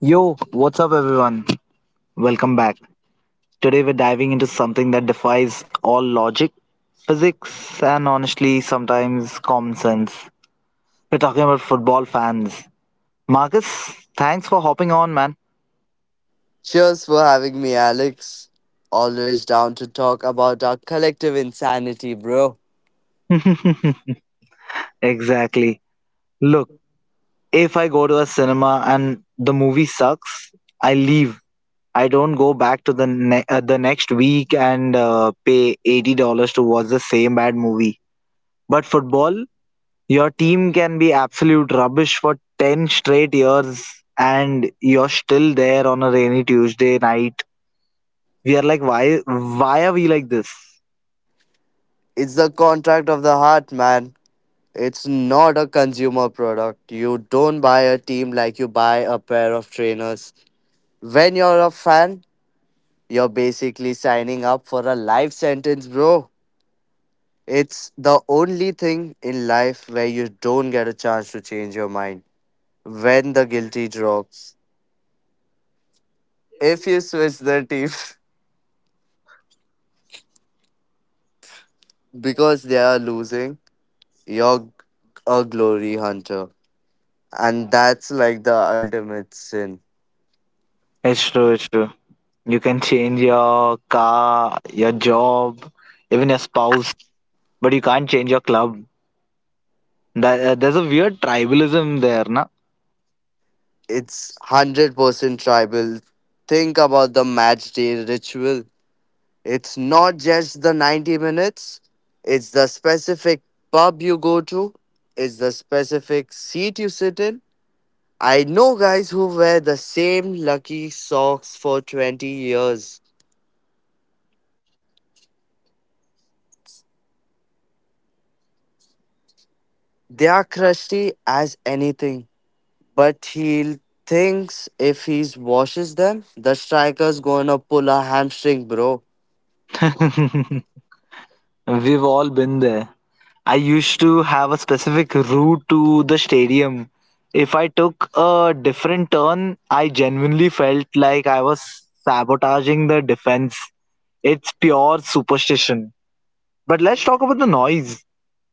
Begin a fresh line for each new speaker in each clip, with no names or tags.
Yo, what's up, everyone? Welcome back. Today, we're diving into something that defies all logic, physics, and honestly, sometimes common sense. We're talking about football fans. Marcus, thanks for hopping on, man.
Cheers for having me, Alex. Always down to talk about our collective insanity, bro.
Exactly. Look, if I go to a cinema and the movie sucks, I leave. I don't go back to the next week and pay $80 to watch the same bad movie. But football, your team can be absolute rubbish for 10 straight years and you're still there on a rainy Tuesday night. We are like, why are we like this?
It's the contract of the heart, man. It's not a consumer product. You don't buy a team like you buy a pair of trainers. When you're a fan, you're basically signing up for a life sentence, bro. It's the only thing in life where you don't get a chance to change your mind. When the guilty drops, if you switch the team, because they are losing, you're a glory hunter. And that's like the ultimate sin.
It's true, it's true. You can change your car, your job, even your spouse, but you can't change your club. There's a weird tribalism there, na?
It's 100% tribal. Think about the match day ritual. It's not just the 90 minutes, it's the specific pub you go to, it's the specific seat you sit in. I know guys who wear the same lucky socks for 20 years. They are crusty as anything, but he thinks if he washes them, the striker's gonna pull a hamstring, bro.
We've all been there. I used to have a specific route to the stadium. If I took a different turn, I genuinely felt like I was sabotaging the defense. It's pure superstition. But let's talk about the noise.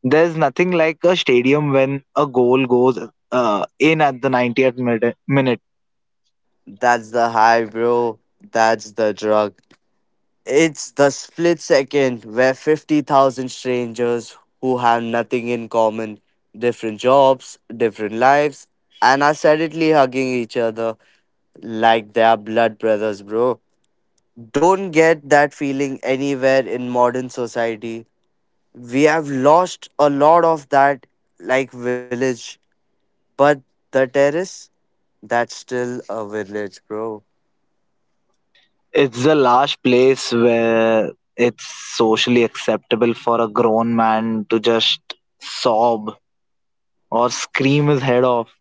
There's nothing like a stadium when a goal goes in at the 90th minute.
That's the high, bro. That's the drug. It's the split second where 50,000 strangers who have nothing in common, different jobs, different lives, and are suddenly hugging each other like they are blood brothers, bro. Don't get that feeling anywhere in modern society. We have lost a lot of that, like village, but the terrace, that's still a village, bro.
It's the last place where it's socially acceptable for a grown man to just sob or scream his head off.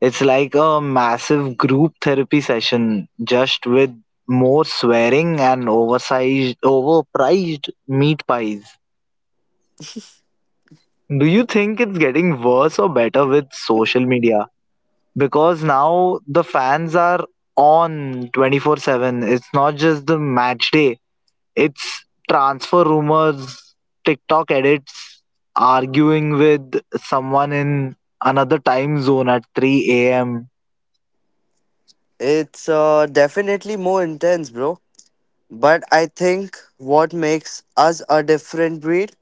It's like a massive group therapy session, just with more swearing and oversized, overpriced meat pies. Do you think it's getting worse or better with social media? Because now the fans are on 24/7. It's not just the match day, it's transfer rumors, TikTok edits, arguing with someone in another time zone at 3 a.m.
It's definitely more intense, bro. But I think what makes us a different breed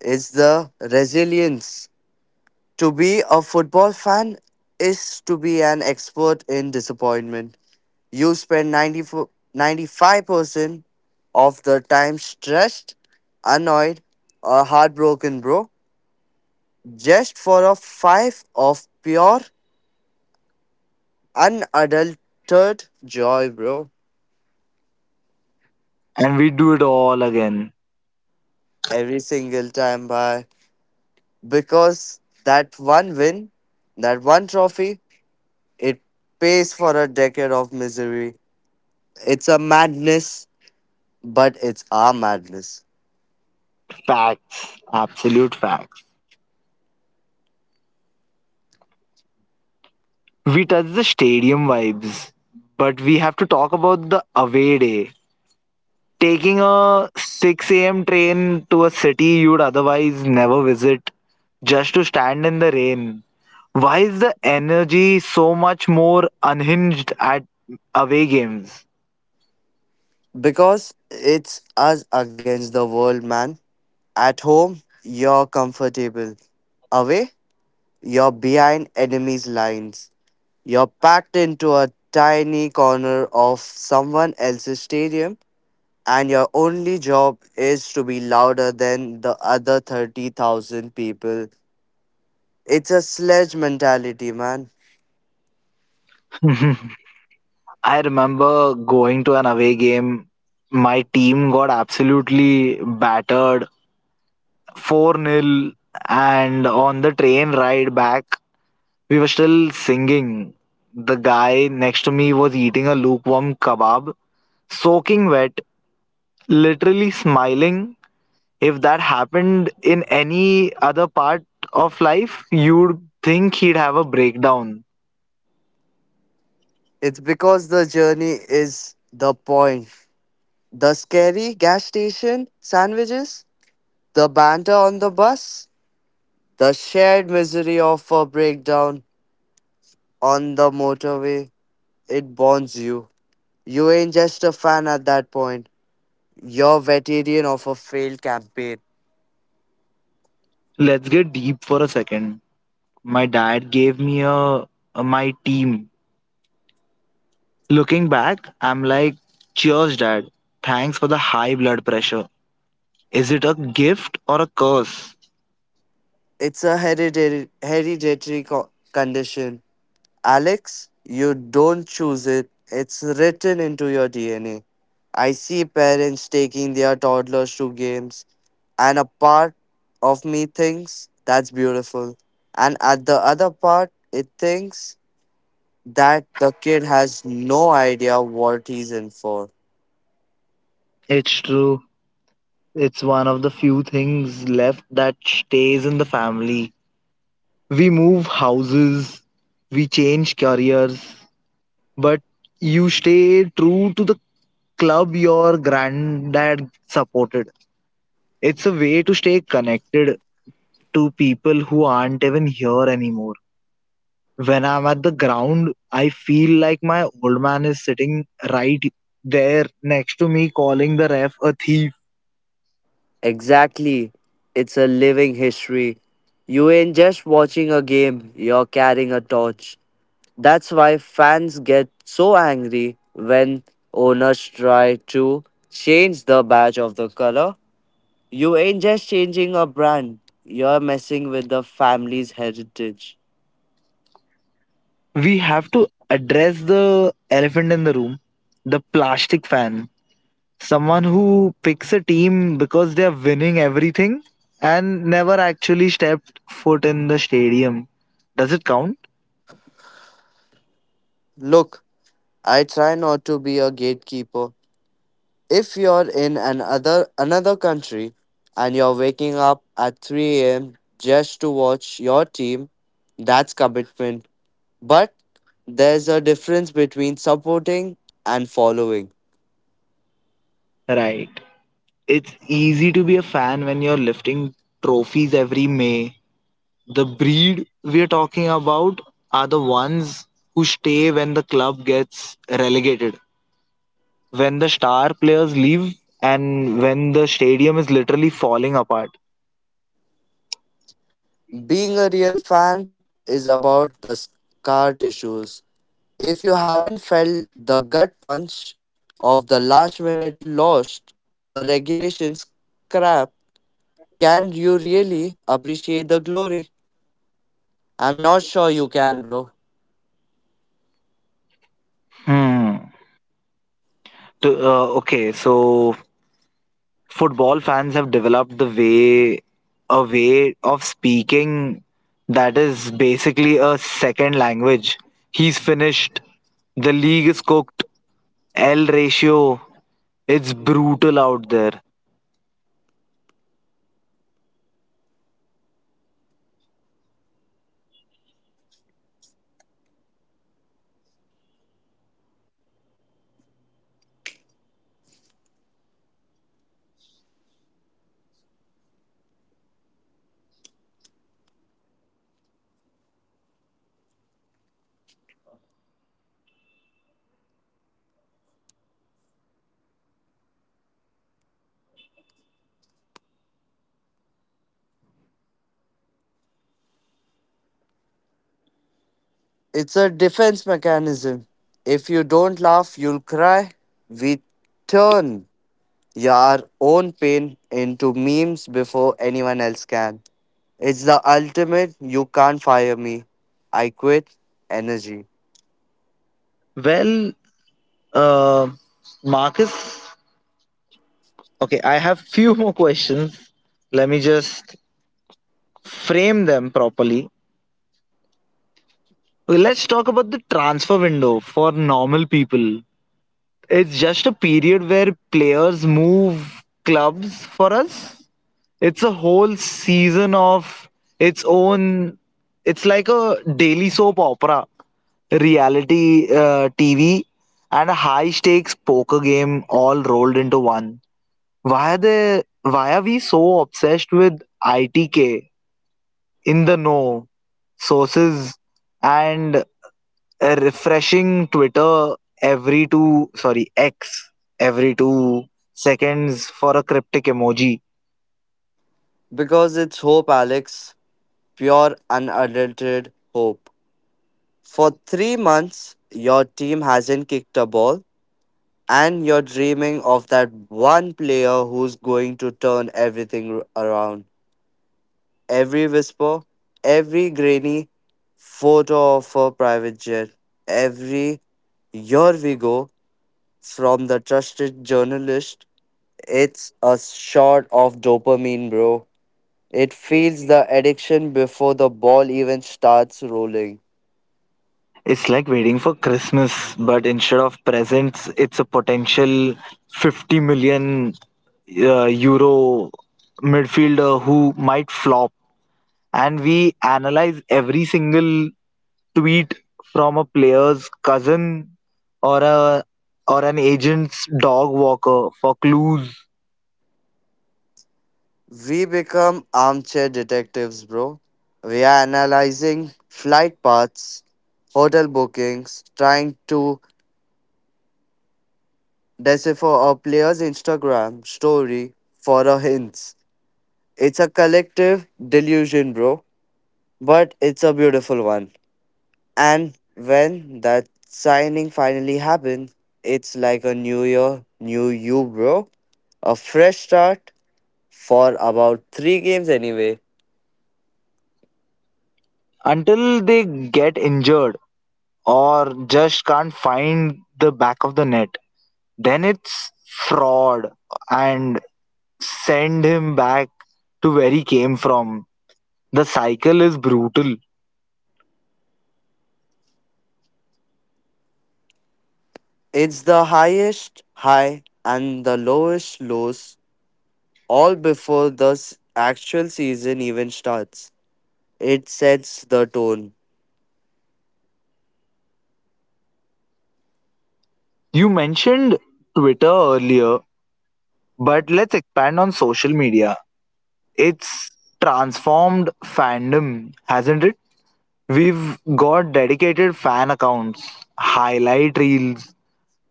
is the resilience. To be a football fan is to be an expert in disappointment. You spend 94, 95% of the time stressed, annoyed, or heartbroken, bro, just for a five of pure, unadulterated joy, bro.
And we do it all again.
Every single time, by because that one win, that one trophy, it pays for a decade of misery. It's a madness, but it's our madness
Facts, absolute facts. We touched the stadium vibes, but we have to talk about the away day. Taking a 6 a.m. train to a city you'd otherwise never visit just to stand in the rain. Why is the energy so much more unhinged at away games?
because it's us against the world, man. At home, you're comfortable. Away, you're behind enemies' lines. You're packed into a tiny corner of someone else's stadium, and your only job is to be louder than the other 30,000 people. It's a sledge mentality, man.
I remember going to an away game. My team got absolutely battered 4 nil, and on the train ride back we were still singing. The guy next to me was eating a lukewarm kebab, soaking wet, literally smiling. If that happened in any other part of life, you'd think he'd have a breakdown.
It's because the journey is the point. The scary gas station sandwiches, the banter on the bus, the shared misery of a breakdown on the motorway. It bonds you. You ain't just a fan at that point. You're vegetarian of a failed campaign.
Let's get deep for a second. My dad gave me a my team. Looking back, I'm like, cheers Dad, thanks for the high blood pressure. Is it a gift or a curse?
It's a hereditary condition. Alex, you don't choose it. It's written into your DNA. I see parents taking their toddlers to games, and a part of me thinks that's beautiful. And at the other part, it thinks that the kid has no idea what he's in for.
It's true. It's one of the few things left that stays in the family. We move houses, we change careers, but you stay true to the club your granddad supported. It's a way to stay connected to people who aren't even here anymore. When I'm at the ground, I feel like my old man is sitting right there next to me, calling the ref a thief.
Exactly. It's a living history. You ain't just watching a game, you're carrying a torch. That's why fans get so angry when owners try to change the badge of the color. You ain't just changing a brand, you're messing with the family's heritage.
We have to address the elephant in the room, the plastic fan, someone who picks a team because they are winning everything and never actually stepped foot in the stadium. Does it count?
Look, I try not to be a gatekeeper. If you're in another country and you're waking up at 3 a.m. just to watch your team, that's commitment. But there's a difference between supporting and following.
Right. It's easy to be a fan when you're lifting trophies every May. The breed we're talking about are the ones who stay when the club gets relegated, when the star players leave, and when the stadium is literally falling apart.
Being a real fan is about the scar tissues. If you haven't felt the gut punch of the last minute loss or regulation scrap, can you really appreciate the glory? I'm not sure you can, bro.
Hmm. Okay, so football fans have developed the way a way of speaking that is basically a second language. He's finished. The league is cooked. L ratio. It's brutal out there.
It's a defense mechanism. If you don't laugh, you'll cry. We turn your own pain into memes before anyone else can. It's the ultimate you can't fire me. I quit energy.
Well, uh, Marcus. Okay, I have few more questions. Let me just frame them properly. Well, let's talk about the transfer window for normal people. It's just a period where players move clubs for us. It's a whole season of its own. It's like a daily soap opera, reality TV, and a high stakes poker game all rolled into one. Why are they? Why are we so obsessed with ITK in the know sources and refreshing Twitter sorry, X every 2 seconds for a cryptic emoji.
Because it's hope, Alex. Pure, unadulterated hope. For 3 months, your team hasn't kicked a ball, and you're dreaming of that one player who's going to turn everything around. Every whisper, every grainy photo of her private jet, every here we go from the trusted journalist. It's a shot of dopamine, bro. It feeds the addiction before the ball even starts rolling.
It's like waiting for Christmas, but instead of presents, it's a potential 50 million euro midfielder who might flop. And we analyze every single tweet from a player's cousin or a or an agent's dog walker for clues,
We become armchair detectives, bro. We are analyzing flight paths, hotel bookings, trying to decipher a player's Instagram story for a hints. It's a collective delusion, bro, but it's a beautiful one. And when that signing finally happened, it's like a new year, new you, bro. A fresh start for about three games anyway.
until they get injured or just can't find the back of the net. Then it's fraud and send him back to where he came from. The cycle is brutal.
It's the highest high and the lowest lows all before the actual season even starts. It sets the tone.
You mentioned Twitter earlier, but let's expand on social media. It's transformed fandom, hasn't it? We've got dedicated fan accounts, highlight reels,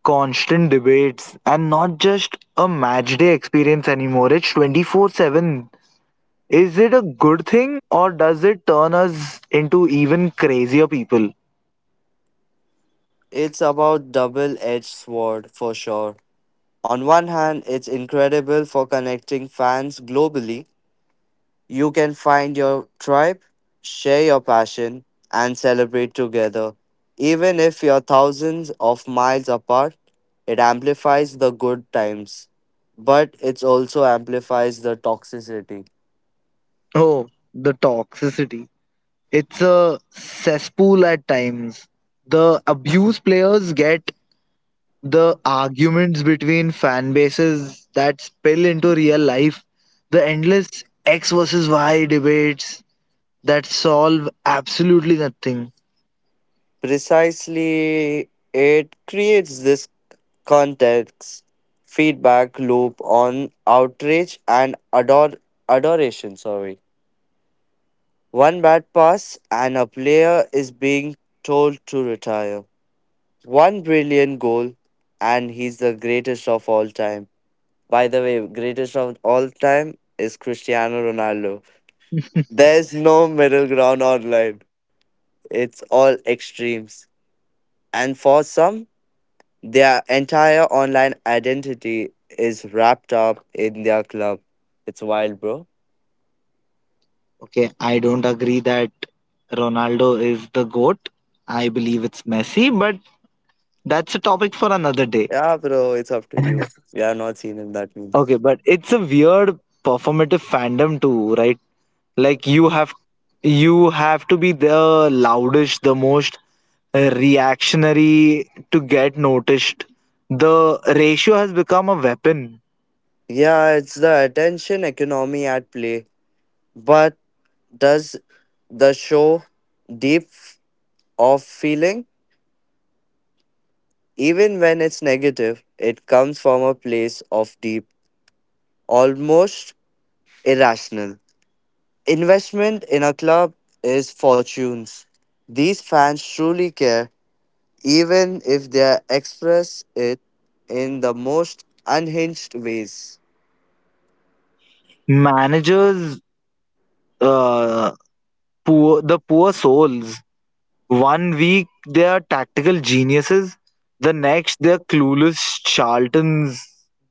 constant debates and not just a match day experience anymore. It's 24/7. Is it a good thing or does it turn us into even crazier people?
It's about double-edged sword for sure. On one hand, it's incredible for connecting fans globally. You can find your tribe, share your passion, and celebrate together. Even if you're thousands of miles apart, it amplifies the good times, but it also amplifies the toxicity.
Oh, the toxicity. It's a cesspool at times. The abuse players get, the arguments between fan bases that spill into real life, the endless X versus Y debates that solve absolutely nothing.
Precisely, it creates this context feedback loop on outrage and adoration. Sorry, one bad pass and a player is being told to retire. One brilliant goal, and he's the greatest of all time. By the way, greatest of all time is Cristiano Ronaldo. There's no middle ground online. It's all extremes. And for some, their entire online identity is wrapped up in their club. It's wild, bro.
Okay, I don't agree that Ronaldo is the GOAT. I believe it's Messi, but that's a topic for another day.
Yeah, bro, it's up to you. We are not seen in that
Okay,
means.
but it's a weird performative fandom too, right? Like you have to be the loudest, the most reactionary to get noticed. The ratio has become a weapon.
Yeah, it's the attention economy at play. But does the show deep f- of feeling? Even when it's negative, it comes from a place of deep, almost irrational. Investment in a club is fortunes. These fans truly care even if they express it in the most unhinged ways.
Managers, uh, poor the poor souls. One week they are tactical geniuses, the next they're clueless charlatans.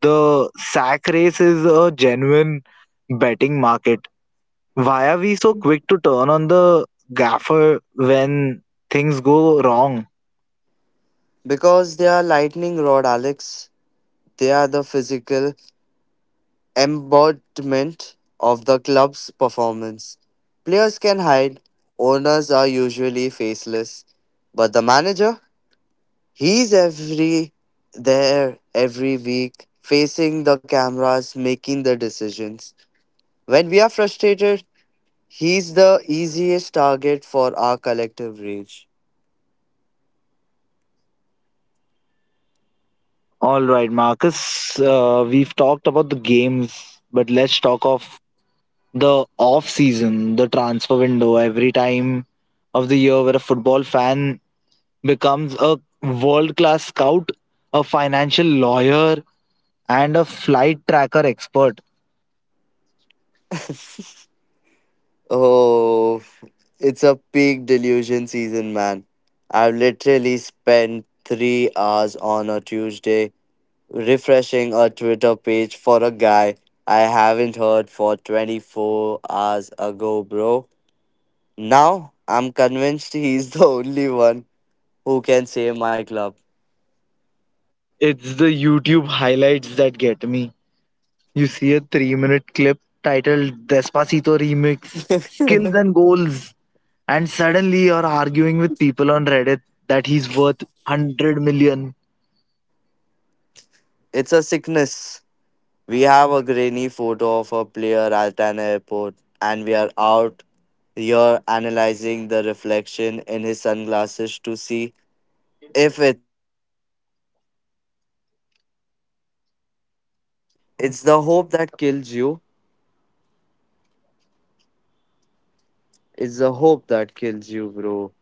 The sack race is a genuine betting market. Why are we so quick to turn on the gaffer when things go wrong?
Because they are lightning rod, Alex, they are the physical embodiment of the club's performance. Players can hide, owners are usually faceless, but the manager, he's every there every week, facing the cameras, making the decisions. When we are frustrated, he's the easiest target for our collective rage.
All right, Marcus, we've talked about the games, but let's talk of the off season, the transfer window, every time of the year where a football fan becomes a world class scout, a financial lawyer, and a flight tracker expert.
Oh, it's a peak delusion season, man. I've literally spent 3 hours on a Tuesday refreshing a Twitter page for a guy I haven't heard for 24 hours ago, bro. Now I'm convinced he's the only one who can save my club.
It's the YouTube highlights that get me. You see a 3-minute clip titled Despacito Remix, Skills and Goals, and suddenly you're arguing with people on Reddit that he's worth 100 million.
It's a sickness. We have a grainy photo of a player at an airport, and we are out here analyzing the reflection in his sunglasses to see if it's. It's the hope that kills you. It's the hope that kills you, bro.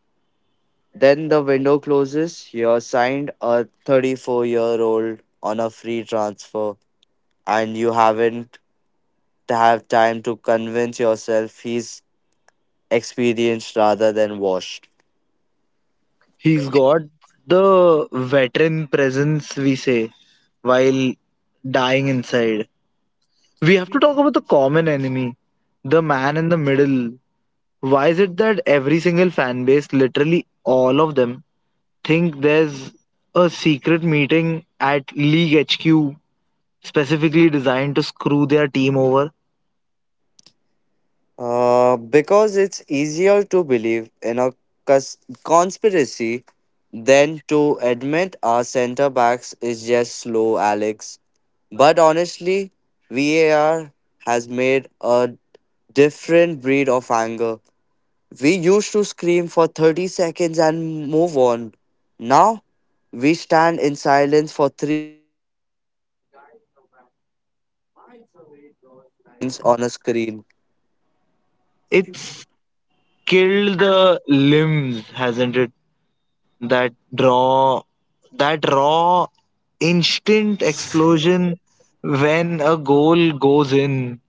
Then the window closes. You're signed a 34-year-old on a free transfer, and you haven't have time to convince yourself he's experienced rather than washed.
He's got the veteran presence, we say, while dying inside. We have to talk about the common enemy, the man in the middle. Why is it that every single fan base, literally all of them, think there's a secret meeting at League HQ specifically designed to screw their team over?
Because it's easier to believe in a cons- conspiracy than to admit our center backs is just slow, Alex. But honestly, VAR has made a different breed of anger. We used to scream for 30 seconds and move on. Now, we stand in silence for on a screen.
It's killed the limbs, hasn't it? That draw, that raw, instant explosion when a goal goes in.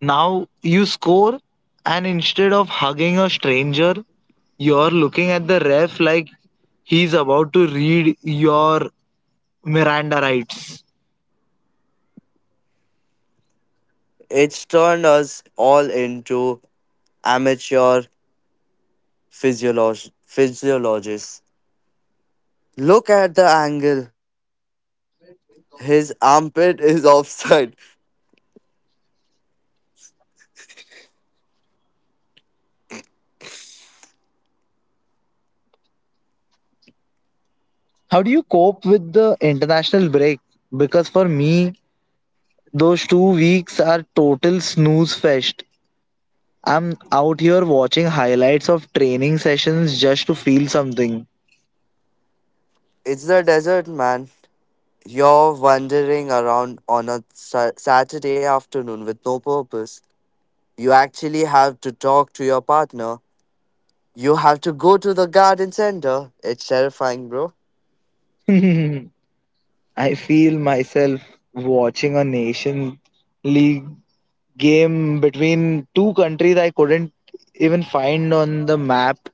Now you score, and instead of hugging a stranger, you're looking at the ref like he's about to read your Miranda rights.
It's turned us all into amateur physiologists. Look at the angle. His armpit is offside.
How do you cope with the international break? Because for me, those 2 weeks are total snooze fest. I'm out here watching highlights of training sessions just to feel something.
It's the desert, man. You're wandering around on a Saturday afternoon with no purpose. You actually have to talk to your partner. You have to go to the garden center. It's terrifying, bro.
I feel myself watching a nation league game between two countries I couldn't even find on the map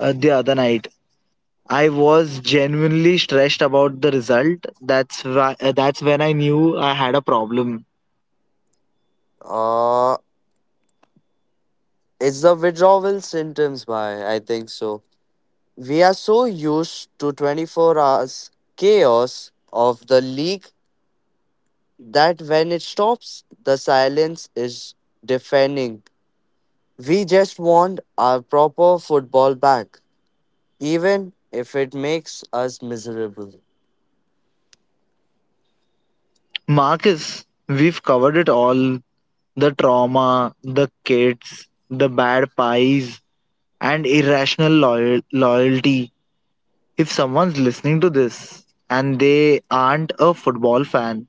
the other night. I was genuinely stressed about the result. That's when I knew I had a problem.
Uh, it's the withdrawal symptoms, by I think so. We are so used to 24 hours chaos of the league that when it stops, the silence is deafening. We just want our proper football back, even if it makes us miserable.
Marcus, we've covered it all, the trauma, the kids, the bad pies, and irrational loyalty. If someone's listening to this and they aren't a football fan,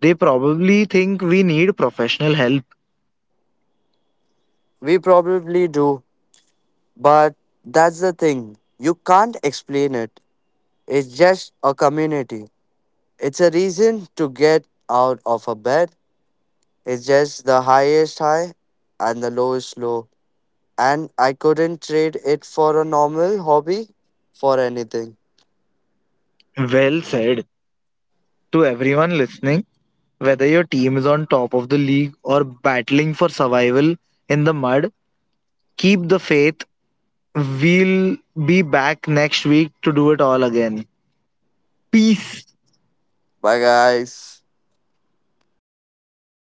they probably think we need professional help.
We probably do, but that's the thing. You can't explain it. It's just a community. It's a reason to get out of a bed. It's just the highest high and the lowest low, and I couldn't trade it for a normal hobby for anything.
Well said. To everyone listening, whether your team is on top of the league or battling for survival in the mud, keep the faith. We'll be back next week to do it all again. Peace.
Bye, guys. Bye.